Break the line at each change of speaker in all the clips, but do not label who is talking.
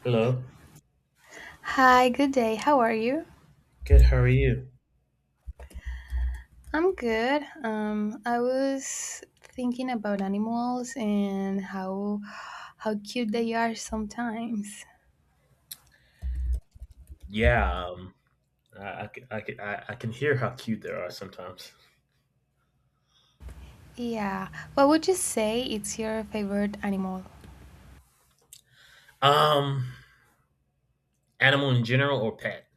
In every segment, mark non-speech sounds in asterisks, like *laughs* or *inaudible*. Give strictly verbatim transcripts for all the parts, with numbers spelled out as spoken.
Hello.
Hi, good day. How are you?
Good. How are you?
I'm good. Um, I was thinking about animals and how how cute they are sometimes.
Yeah. Um. I, I, c- I, c- I I can hear how cute they are sometimes.
Yeah. What would you say it's your favorite animal?
Um. Animal in general or pet?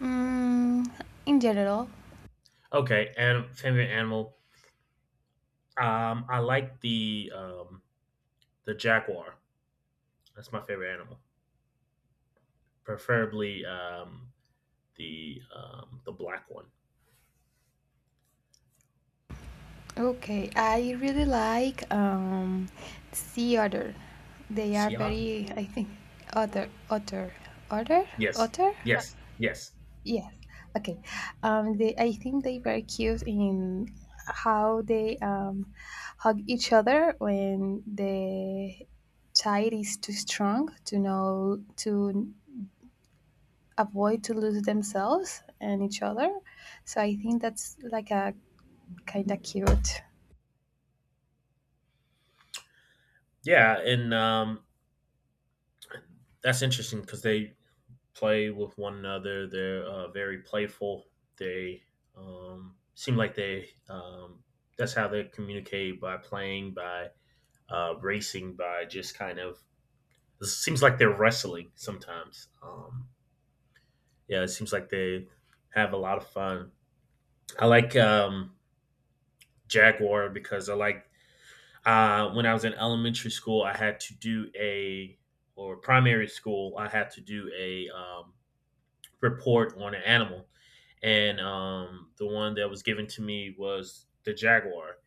Mm, in general.
Okay. And favorite animal. Um. I like the um the jaguar. That's my favorite animal. Preferably um the um the black one.
Okay. I really like um, sea otter. They are
Siam.
very, I think, otter, otter, otter,
Yes.
otter.
Yes. Yes.
Yes. Okay. Um, they, I think they were cute in how they um, hug each other when the tide is too strong to know to avoid to lose themselves and each other. So I think that's like a kind of cute.
Yeah. And um that's interesting because they play with one another. They're uh, very playful. They um, seem like they um, that's how they communicate by playing, by uh, racing, by just kind of. It seems like they're wrestling sometimes. Um, yeah, it seems like they have a lot of fun. I like um, Jaguar because I like uh, when I was in elementary school, I had to do a or primary school, I had to do a um, report on an animal, and um, the one that was given to me was the jaguar,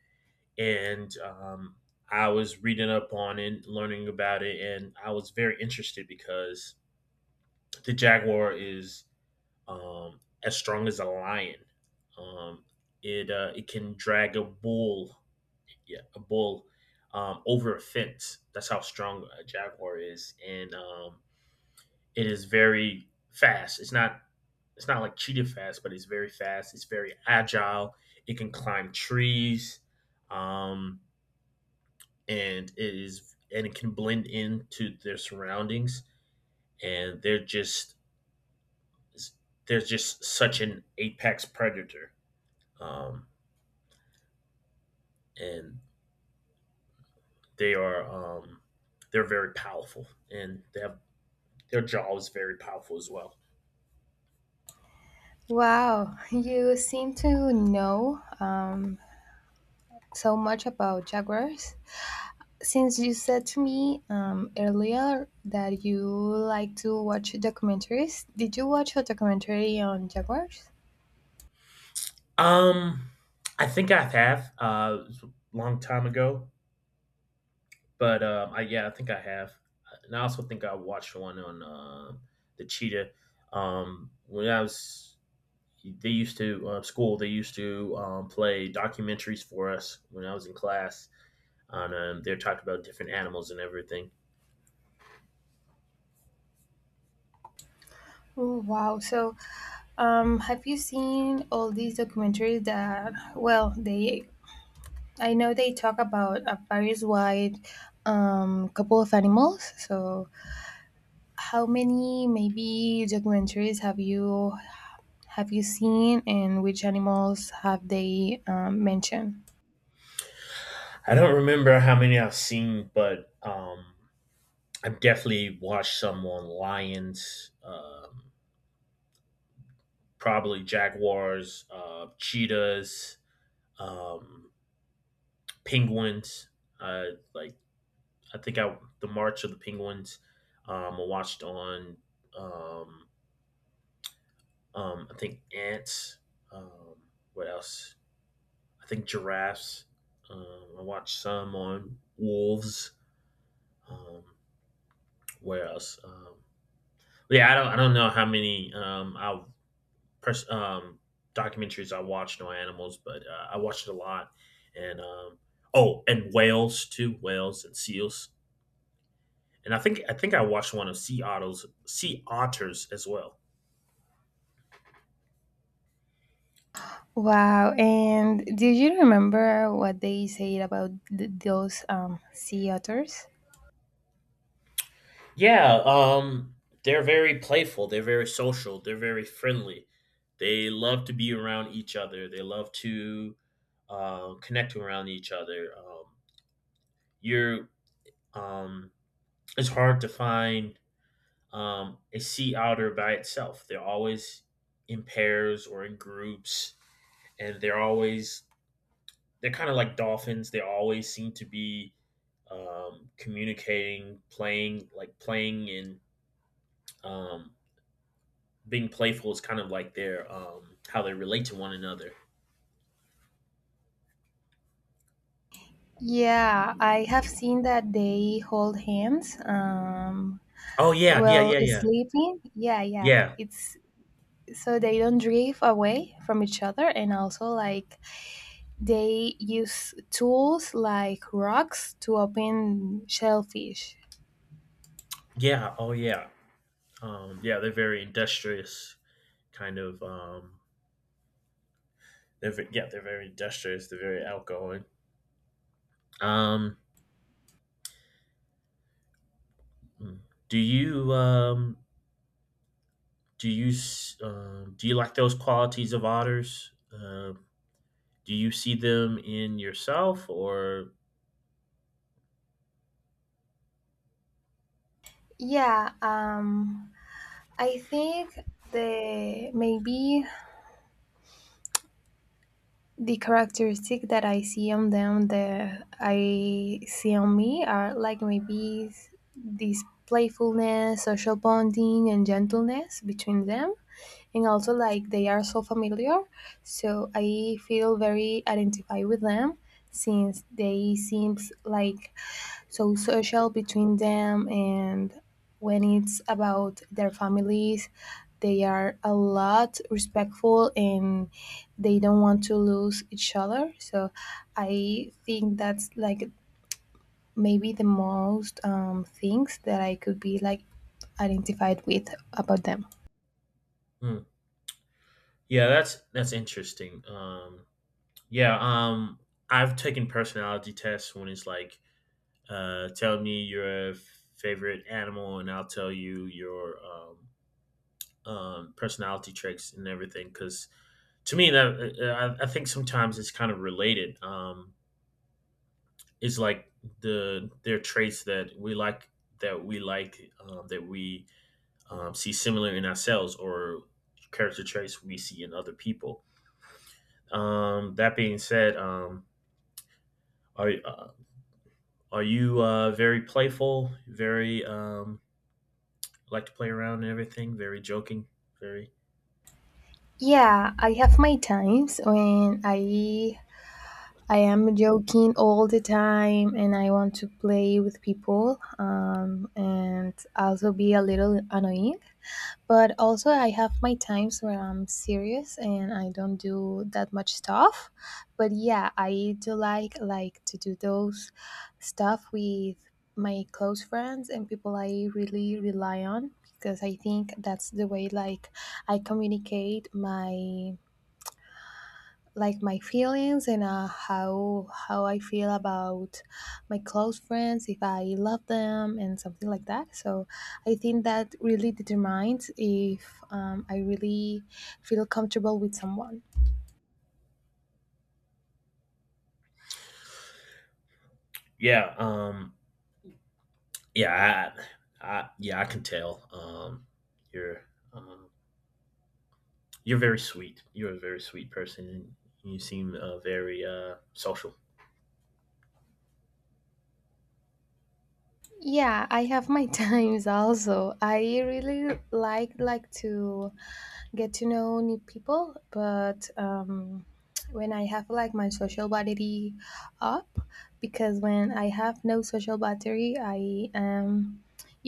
and um, I was reading up on it, learning about it, and I was very interested because the jaguar is um, as strong as a lion. Um, it uh, it can drag a bull, yeah, a bull um, over a fence. That's how strong a jaguar is, and um, it is very fast. It's not it's not like cheetah fast, but it's very fast. It's very agile. It can climb trees, um, and it is and it can blend into their surroundings. And they're just they're just such an apex predator, um, and they are um, they're very powerful, and they have their jaw is very powerful as well.
Wow, you seem to know um, so much about jaguars. Since you said to me um, earlier that you like to watch documentaries, did you watch a documentary on jaguars?
Um, I think I have uh, it was a long time ago. But um, I yeah, I think I have, and I also think I watched one on uh, the cheetah. Um, when I was, they used to uh, school. They used to um, play documentaries for us when I was in class. On um, they're talking about different animals and everything.
Oh, wow. So, um, have you seen all these documentaries that, well, they, I know they talk about a various wide um, couple of animals. So, how many maybe documentaries have you have you seen, and which animals have they um, mentioned?
I don't remember how many I've seen, but um, I've definitely watched some on lions, um, probably jaguars, uh, cheetahs, um, penguins. Uh, like I think I the March of the Penguins. Um, I watched on um, um, I think ants. Um, what else? I think giraffes. Um, I watched some on wolves. Um, where else? Um, yeah, I don't I don't know how many um, I pers- um, documentaries I watched on animals, but uh, I watched a lot. And um, oh, and whales too, whales and seals. And I think I think I watched one of sea otters, sea otters as well.
Wow. And do you remember what they said about th- those um, sea otters?
Yeah, um, they're very playful. They're very social. They're very friendly. They love to be around each other. They love to uh, connect around each other. Um, you're um, it's hard to find um, a sea otter by itself. They're always in pairs or in groups, and they're always they're kind of like dolphins. They always seem to be um, communicating, playing like playing in um, being playful is kind of like their um how they relate to one another.
Yeah, I have seen that they hold hands um,
Oh yeah, yeah,
while
yeah, yeah.
sleeping. Yeah, yeah.
Yeah.
It's so they don't drift away from each other, and also like they use tools like rocks to open shellfish.
Yeah, oh yeah. Um yeah, they're very industrious kind of um they're ve- yeah, they're very industrious, they're very outgoing. Um hmm. do you um do you s- um do you like those qualities of otters? Um do you see them in yourself or
Yeah, um, I think the maybe the characteristic that I see on them that I see on me are like maybe s- this playfulness, social bonding, and gentleness between them. And also, like, they are so familiar. So I feel very identified with them since they seems like so social between them, and when it's about their families they are a lot respectful and they don't want to lose each other. So I think that's like maybe the most um, things that I could be like identified with about them.
hmm. Yeah, that's that's interesting. Um yeah, um I've taken personality tests when it's like Uh, tell me your favorite animal, and I'll tell you your um, um, personality traits and everything. Because to me, that uh, I, I think sometimes it's kind of related. Um, it's like the their traits that we like that we like um, that we um, see similar in ourselves or character traits we see in other people. Um, that being said, um, are uh, are you uh, very playful, very um, like to play around and everything. Very joking. Very
Yeah, I have my times when i I am joking all the time and I want to play with people, um, and also be a little annoying. But also, I have my times where I'm serious and I don't do that much stuff. But yeah, I do like like to do those stuff with my close friends and people I really rely on, because I think that's the way like I communicate my like my feelings, and uh, how how I feel about my close friends, if I love them and something like that. So I think that really determines if um, I really feel comfortable with someone.
yeah. Um yeah. I, I yeah I can tell. Um you're um you're very sweet. You're a very sweet person. And you seem uh, very uh social.
Yeah, I have my *laughs* times also. I really like like to get to know new people, but um, when I have like my social battery up, because when I have no social battery, I am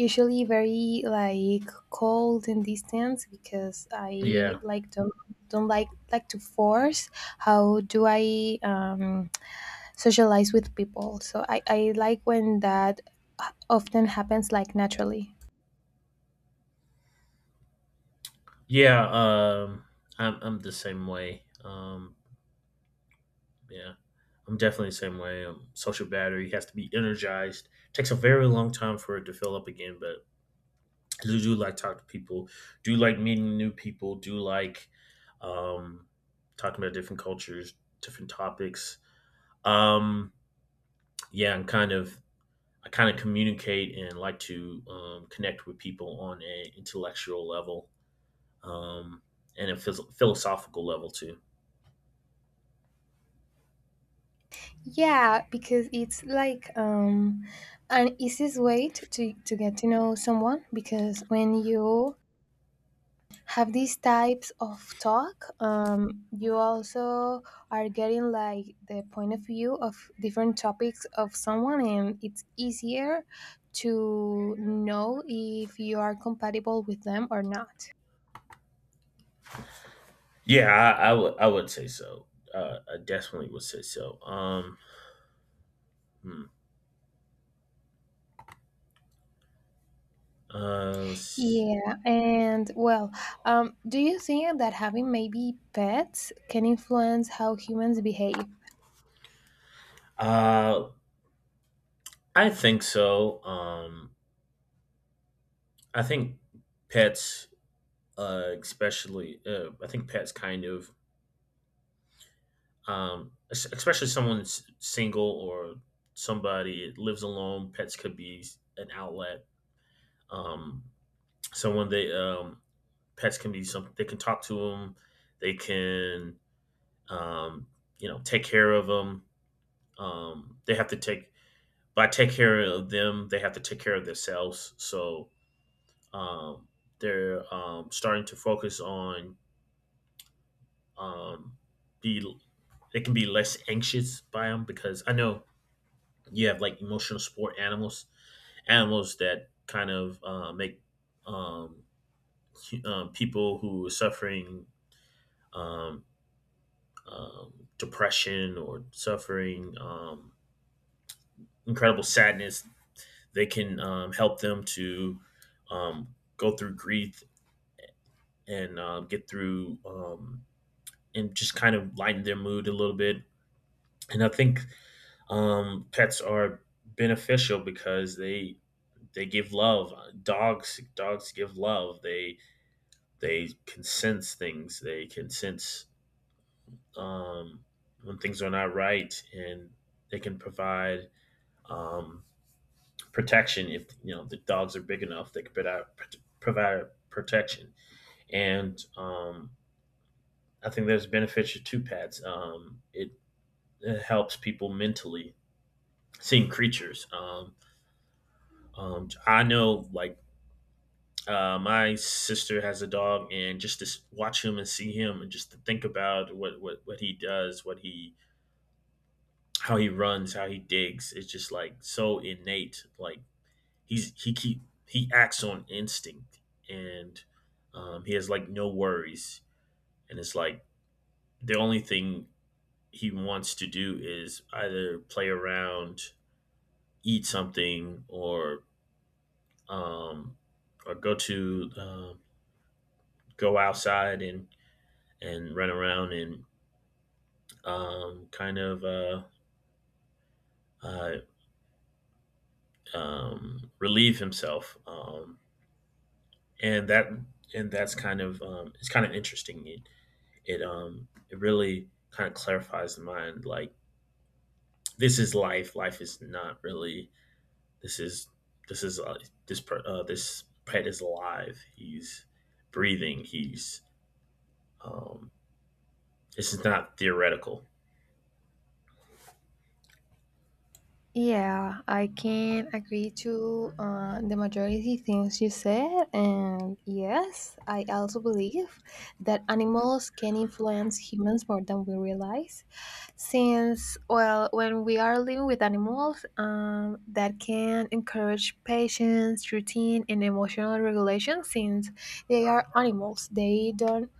usually very like cold and distant, because I
Yeah.
like don't don't like like to force. How do I um socialize with people? So I, I like when that often happens like naturally.
Yeah. Um I'm I'm the same way. Um yeah. I'm definitely the same way. Um, social battery has to be energized. Takes a very long time for it to fill up again, but do, do like talk to people do like meeting new people do like um talking about different cultures different topics um yeah i'm kind of i kind of communicate and like to um, connect with people on an intellectual level um and a phys- philosophical level too
Yeah, because it's like um, an easiest way to, to, to get to know someone, because when you have these types of talk, um, you also are getting like the point of view of different topics of someone, and it's easier to know if you are compatible with them or not.
yeah i, I would i would say so uh, I definitely would say so um hmm. uh, let
Yeah, and well, um, do you think that having maybe pets can influence how humans behave?
uh I think so um I think pets uh, especially uh, I think pets kind of um, es- especially someone's single or somebody that lives alone. Pets could be an outlet. Um, someone they um, pets can be something they can talk to them. They can um, you know take care of them. Um, they have to take by take care of them. They have to take care of themselves. So um, they're um, starting to focus on um, be they can be less anxious by them because I know you have like emotional support animals, animals that kind of uh, make um, hu- um, people who are suffering um, um, depression or suffering um, incredible sadness. They can um, help them to um, go through grief and um, get through um, and just kind of lighten their mood a little bit. And I think um, pets are beneficial because they they give love. Dogs dogs give love. They they can sense things. They can sense um, when things are not right, and they can provide um, protection if you know the dogs are big enough. They can provide provide protection, and um, I think there's benefits to pets. Um, it, it helps people mentally seeing creatures. Um, um, I know like Uh, my sister has a dog, and just to s- watch him and see him, and just to think about what what what he does, what he how he runs, how he digs, it's just like so innate. Like he's he keep he acts on instinct, and um, he has like no worries, and it's like the only thing he wants to do is either play around, eat something, or um, or go to uh, go outside and and run around and um, kind of uh, uh, um, relieve himself, um, and that and that's kind of um, it's kind of interesting. It it um, it really kind of clarifies the mind. Like this is life. Life is not really. This is this is uh, this per, uh, this pet is alive. He's breathing. He's um, this is not theoretical.
Yeah, I can agree to uh, the majority things you said, and yes, I also believe that animals can influence humans more than we realize. Since, well, when we are living with animals, um, that can encourage patience, routine, and emotional regulation. Since they are animals, they don't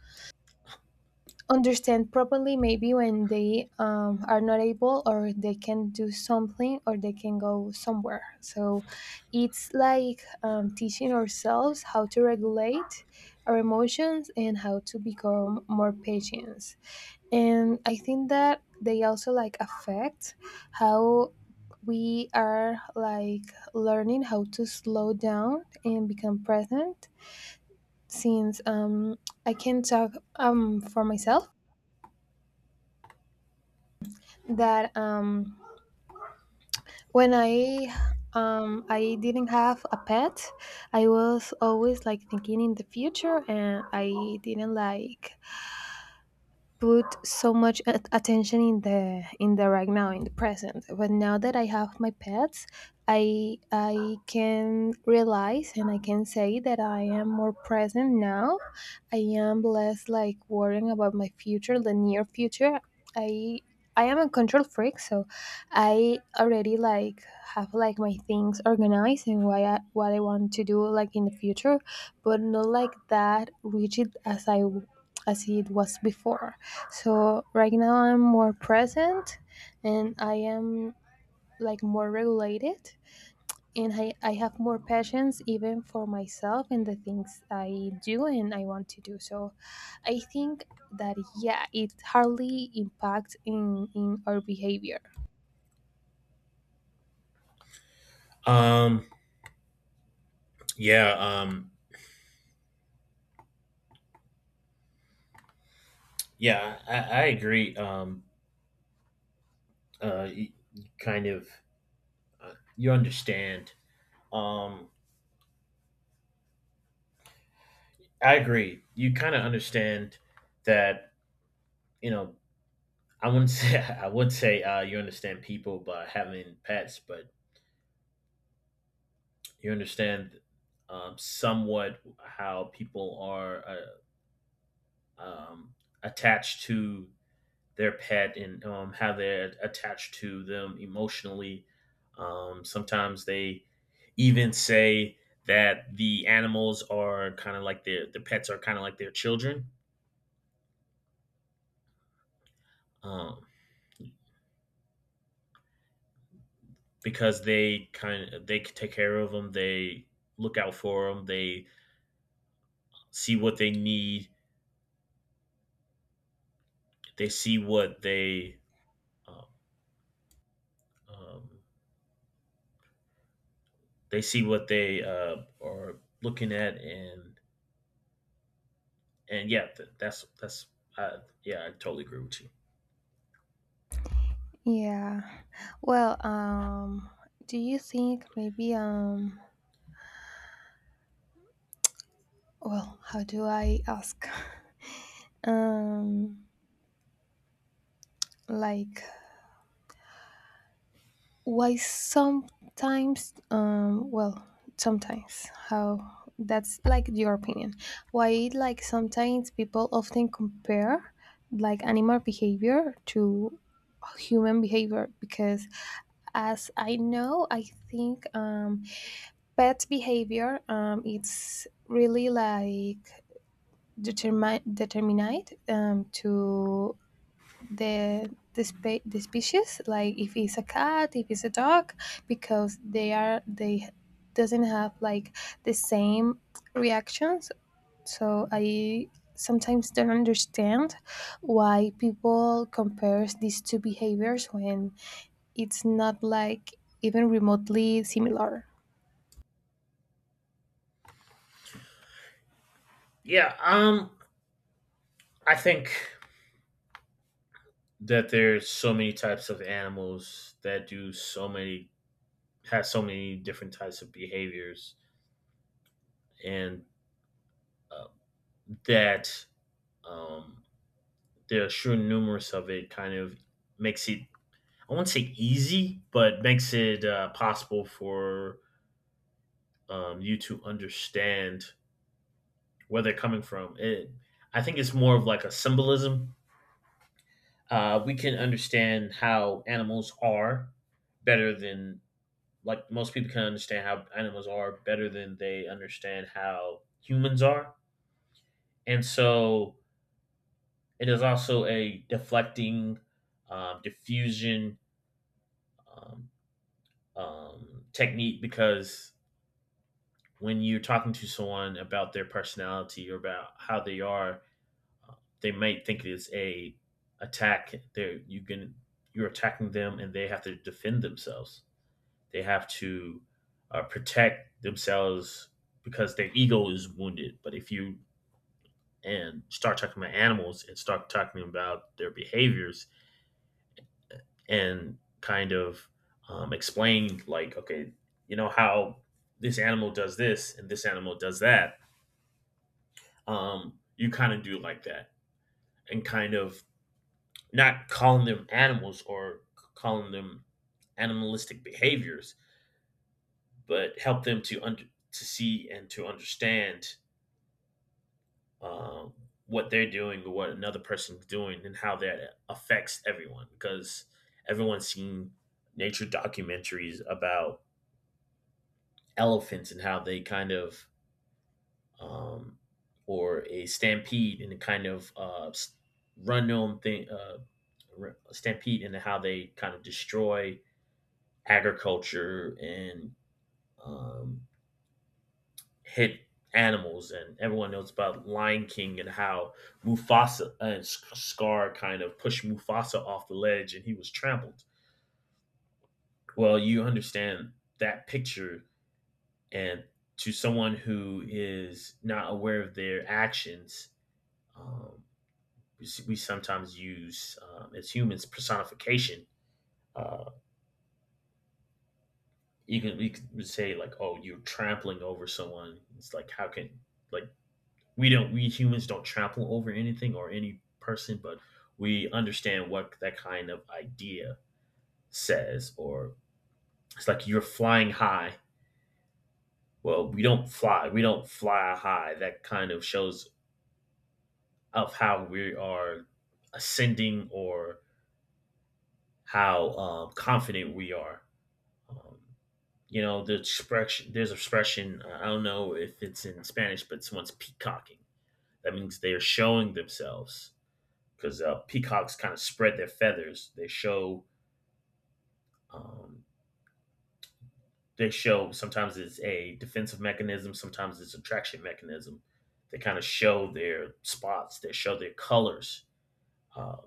understand properly maybe when they um, are not able, or they can do something or they can go somewhere. So it's like um, teaching ourselves how to regulate our emotions and how to become more patient. And I think that they also like affect how we are like learning how to slow down and become present, since um, I can talk um, for myself that um when i um i didn't have a pet, I was always like thinking in the future, and I didn't like put so much at- attention in the in the right now, in the present. But now that I have my pets, i i can realize and I can say that I am more present now. I am less like worrying about my future, the near future. i i am a control freak, so I already like have like my things organized, and why I, what I want to do like in the future, but not like that rigid as I as it was before. So right now I'm more present, and I am like more regulated, and I, I have more patience, even for myself and the things I do and I want to do. So I think that yeah, it hardly impacts in, in our behavior.
Um, yeah. Um, yeah. I, I agree. Um, uh, kind of uh, you understand. Um, I agree. You kind of understand that you know. I wouldn't say *laughs* I would say uh, you understand people by having pets, but you understand um, somewhat how people are uh, um, attached to their pet and um, how they're attached to them emotionally. Um, sometimes they even say that the animals are kind of like their the pets are kind of like their children. Um, because they kind of they take care of them. They look out for them. They see what they need. They see what they um, um, they see what they uh, are looking at, and and yeah, that's that's uh, yeah, I totally agree with you.
Yeah. Well, um, do you think maybe um, well, how do I ask? *laughs* Um, like why sometimes um, well sometimes how, that's like your opinion, why like sometimes people often compare like animal behavior to human behavior? Because as I know, I think um, pet behavior um, it's really like determine determinate um, to the the, spe- the species, like if it's a cat, if it's a dog, because they are, they doesn't have like the same reactions. So I sometimes don't understand why people compares these two behaviors when it's not like even remotely similar.
Yeah, um, I think that there's so many types of animals that do so many has so many different types of behaviors, and uh, that um, the sheer numerous of it kind of makes it I won't say easy but makes it uh, possible for um, you to understand where they're coming from it, I think it's more of like a symbolism uh, we can understand how animals are better than like most people can understand how animals are better than they understand how humans are and so it is also a deflecting um, diffusion um, um, technique because when you're talking to someone about their personality or about how they are, they might think it's a attack. They're you can you're attacking them and they have to defend themselves. They have to uh, protect themselves because their ego is wounded. But if you and start talking about animals and start talking about their behaviors, and kind of um, explain like okay, you know how this animal does this and this animal does that. Um, you kind of do like that and kind of not calling them animals or c- calling them animalistic behaviors, but help them to under to see and to understand um, what they're doing or what another person's doing and how that affects everyone, because everyone's seen nature documentaries about elephants and how they kind of um, or a stampede and a kind of uh, s- run on thing, uh, stampede, and how they kind of destroy agriculture and um, hit animals. And everyone knows about Lion King and how Mufasa and Scar kind of pushed Mufasa off the ledge and he was trampled. Well, you understand that picture. And to someone who is not aware of their actions, um, we, we sometimes use, um, as humans, personification. Uh, you can we could say like, oh, you're trampling over someone. It's like, how can, like, we don't we humans don't trample over anything or any person, but we understand what that kind of idea says. Or it's like you're flying high. Well, we don't fly. We don't fly high. That kind of shows of how we are ascending, or how um, confident we are. Um, you know, the expression, there's an expression, uh, I don't know if it's in Spanish, but someone's peacocking. That means they're showing themselves, because uh, peacocks kind of spread their feathers. They show, um, they show, sometimes it's a defensive mechanism, sometimes it's attraction mechanism. They kind of show their spots, they show their colors, um,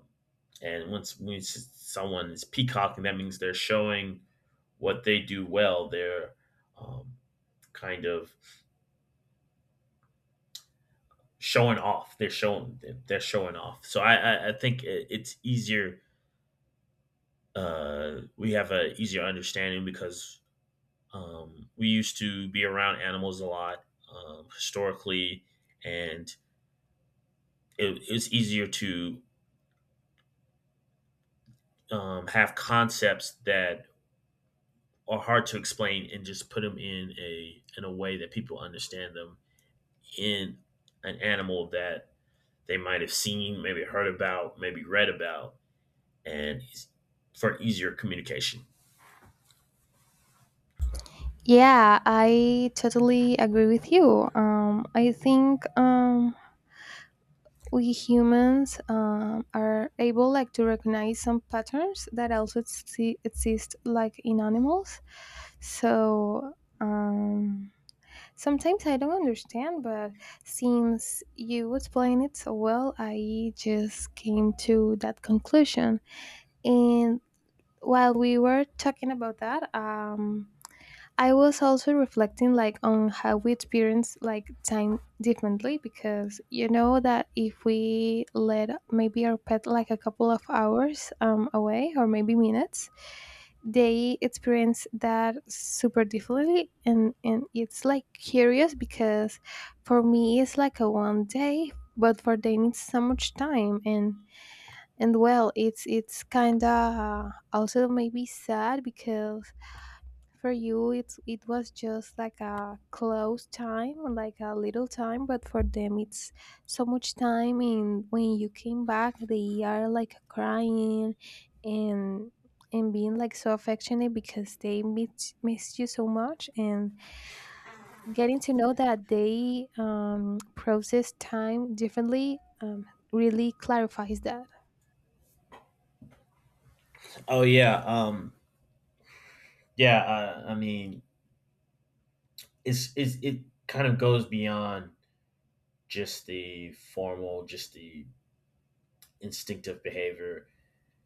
and once when someone is peacocking, that means they're showing what they do well. They're um, kind of showing off. They're showing, they're showing off. So I I, I think it- it's easier. Uh, we have a easier understanding because um, we used to be around animals a lot, um, historically, and it, it's easier to um, have concepts that are hard to explain, and just put them in a in a way that people understand them, in an animal that they might have seen, maybe heard about, maybe read about. And it's for easier communication.
Yeah, I totally agree with you. um, I think um, we humans um, are able like to recognize some patterns that also exi- exist like in animals. So um, sometimes I don't understand, but since you explain it so well, I just came to that conclusion. And while we were talking about that um, I was also reflecting like on how we experience like time differently, because you know that if we let maybe our pet like a couple of hours um, away, or maybe minutes, they experience that super differently. and and it's like curious, because for me it's like a one day, but for them it's so much time. and and well, it's it's kind of also maybe sad, because for you it's, it was just like a close time, like a little time, but for them it's so much time. And when you came back, they are like crying, and and being like so affectionate because they miss, miss you so much. And getting to know that they um, process time differently um, really clarifies that.
Oh yeah, um, yeah. Uh, I mean, it's, it's it kind of goes beyond just the formal, just the instinctive behavior.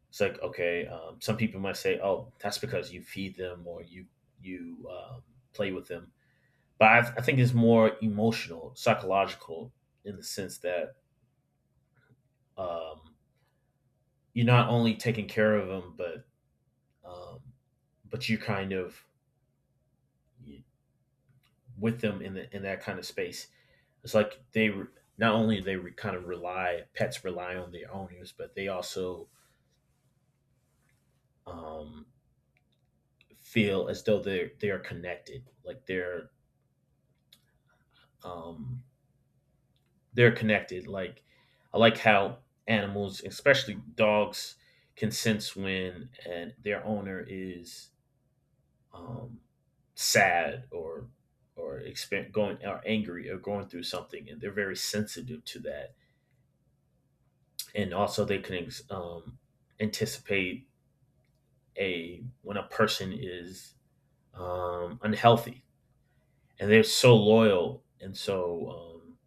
It's like, okay, um, some people might say, "Oh, that's because you feed them, or you you um, play with them," but I, I think it's more emotional, psychological, in the sense that um, you're not only taking care of them, but um, but you kind of with them in the in that kind of space. It's like they re- not only they re- kind of rely, pets rely on their owners, but they also um, feel as though they're they are connected. Like they're um, they're connected. Like, I like how animals, especially dogs, can sense when and their owner is um, sad or or exper- going or angry or going through something, and they're very sensitive to that. And also, they can ex- um, anticipate a when a person is um, unhealthy, and they're so loyal and so um,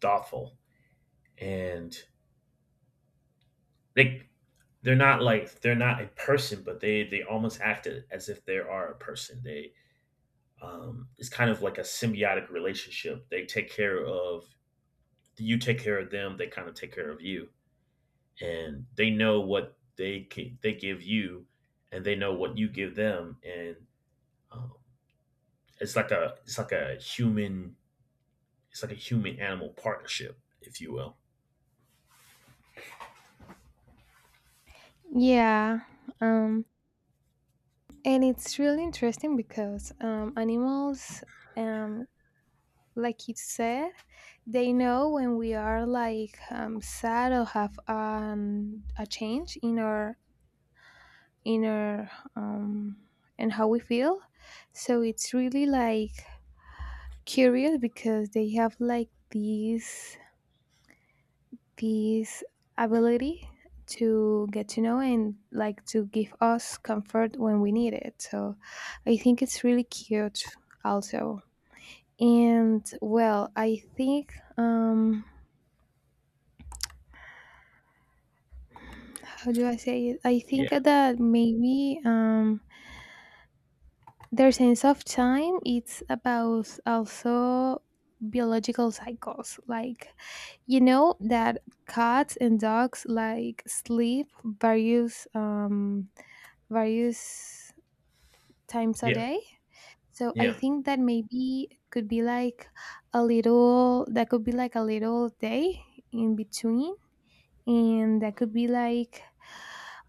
thoughtful, and they they're not like they're not a person, but they they almost act as if they are a person. They um, it's kind of like a symbiotic relationship. They take care of you, take care of them. They kind of take care of you, and they know what they can, they give you, and they know what you give them, and um, it's like a it's like a human it's like a human animal partnership, if you will.
Yeah, um, and it's really interesting because um, animals um, like you said, they know when we are like um, sad or have um, a change in our inner um, and how we feel. So it's really like curious, because they have like these this ability to get to know and like to give us comfort when we need it. So I think it's really cute also. And well, I think um, how do I say it? I
Yeah,
think that maybe um, their sense of time it's about also biological cycles. Like you know that cats and dogs like sleep various um, various times a
yeah,
day. So I
yeah.
think that maybe could be like a little, that could be like a little day in between, and that could be like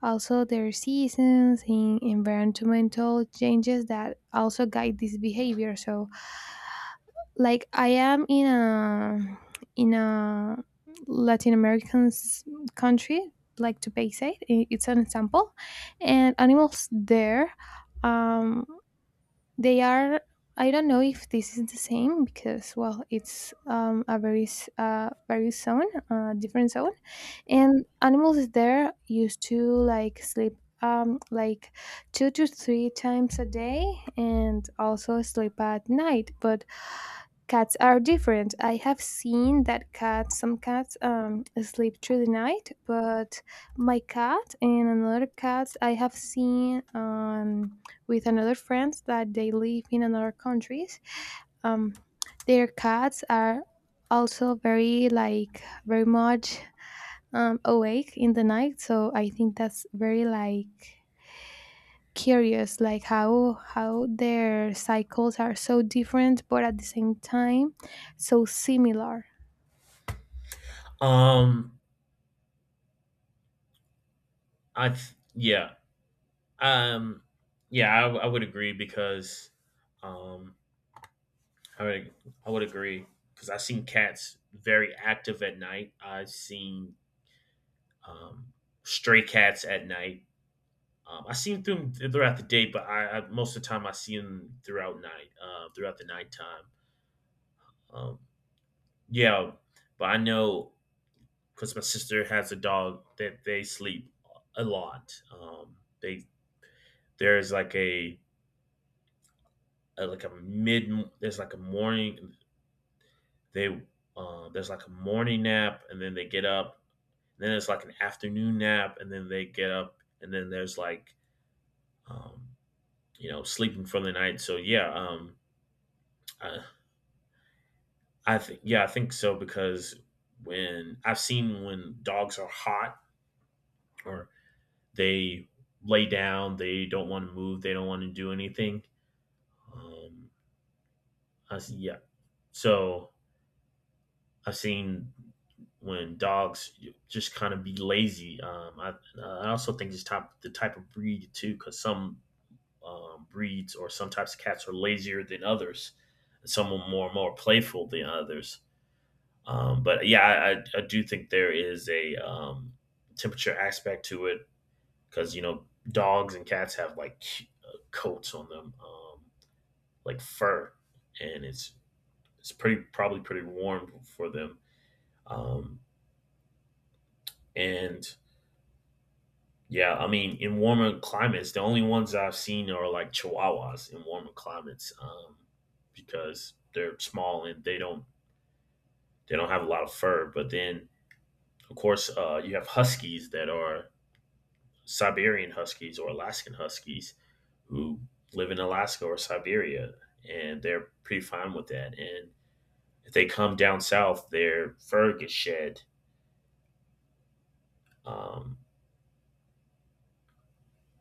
also their seasons and environmental changes that also guide this behavior. So like I am in a in a latin american s- country, like to pay say, i- it's an example. And animals there um, they are, I don't know if this is the same, because well, it's um, a very s- uh very zone, uh, different zone. And animals there used to like sleep um, like two to three times a day, and also sleep at night. But cats are different. I have seen that cats, some cats um, sleep through the night, but my cat and another cat I have seen um, with another friends that they live in another countries, um, their cats are also very like very much um, awake in the night. So I think that's very like curious, like how how their cycles are so different, but at the same time so similar.
Um, I th- yeah, um, yeah, I, I would agree because, um, I would I would agree because I've seen cats very active at night. I've seen um stray cats at night. Um, I see them th- throughout the day, but I, I most of the time I see them throughout night, uh, throughout the nighttime. Um, yeah, but I know because my sister has a dog that they sleep a lot. Um, they there's like a, a like a mid there's like a morning they uh, there's like a morning nap and then they get up. And then it's like an afternoon nap and then they get up and then there's like um, you know, sleeping for the night. So yeah, um, I, I think yeah I think so, because when I've seen, when dogs are hot or they lay down, they don't want to move, they don't want to do anything. Um, I see, yeah. So I've seen when dogs just kind of be lazy. Um, I, I also think it's top the type of breed too, because some um, breeds or some types of cats are lazier than others. Some are more more playful than others. Um, but yeah, I, I, I do think there is a um, temperature aspect to it, because you know, dogs and cats have like c- uh, coats on them, um, like fur, and it's it's pretty probably pretty warm for them. Um, and yeah, I mean, in warmer climates, the only ones I've seen are like Chihuahuas in warmer climates, um, because they're small and they don't they don't have a lot of fur. But then, of course, uh, you have Huskies that are Siberian Huskies or Alaskan Huskies who live in Alaska or Siberia, and they're pretty fine with that. And if they come down south, their fur gets shed. Um,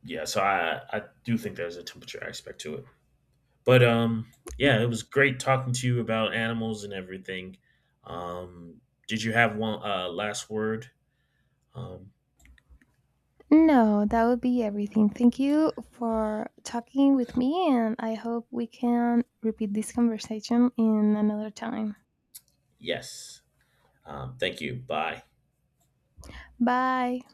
yeah, so I I do think there's a temperature aspect to it. But um yeah, it was great talking to you about animals and everything. Um did you have one uh last word? Um
No, that would be everything. Thank you for talking with me, and I hope we can repeat this conversation in another time.
yes. Um thank you. Bye.
Bye.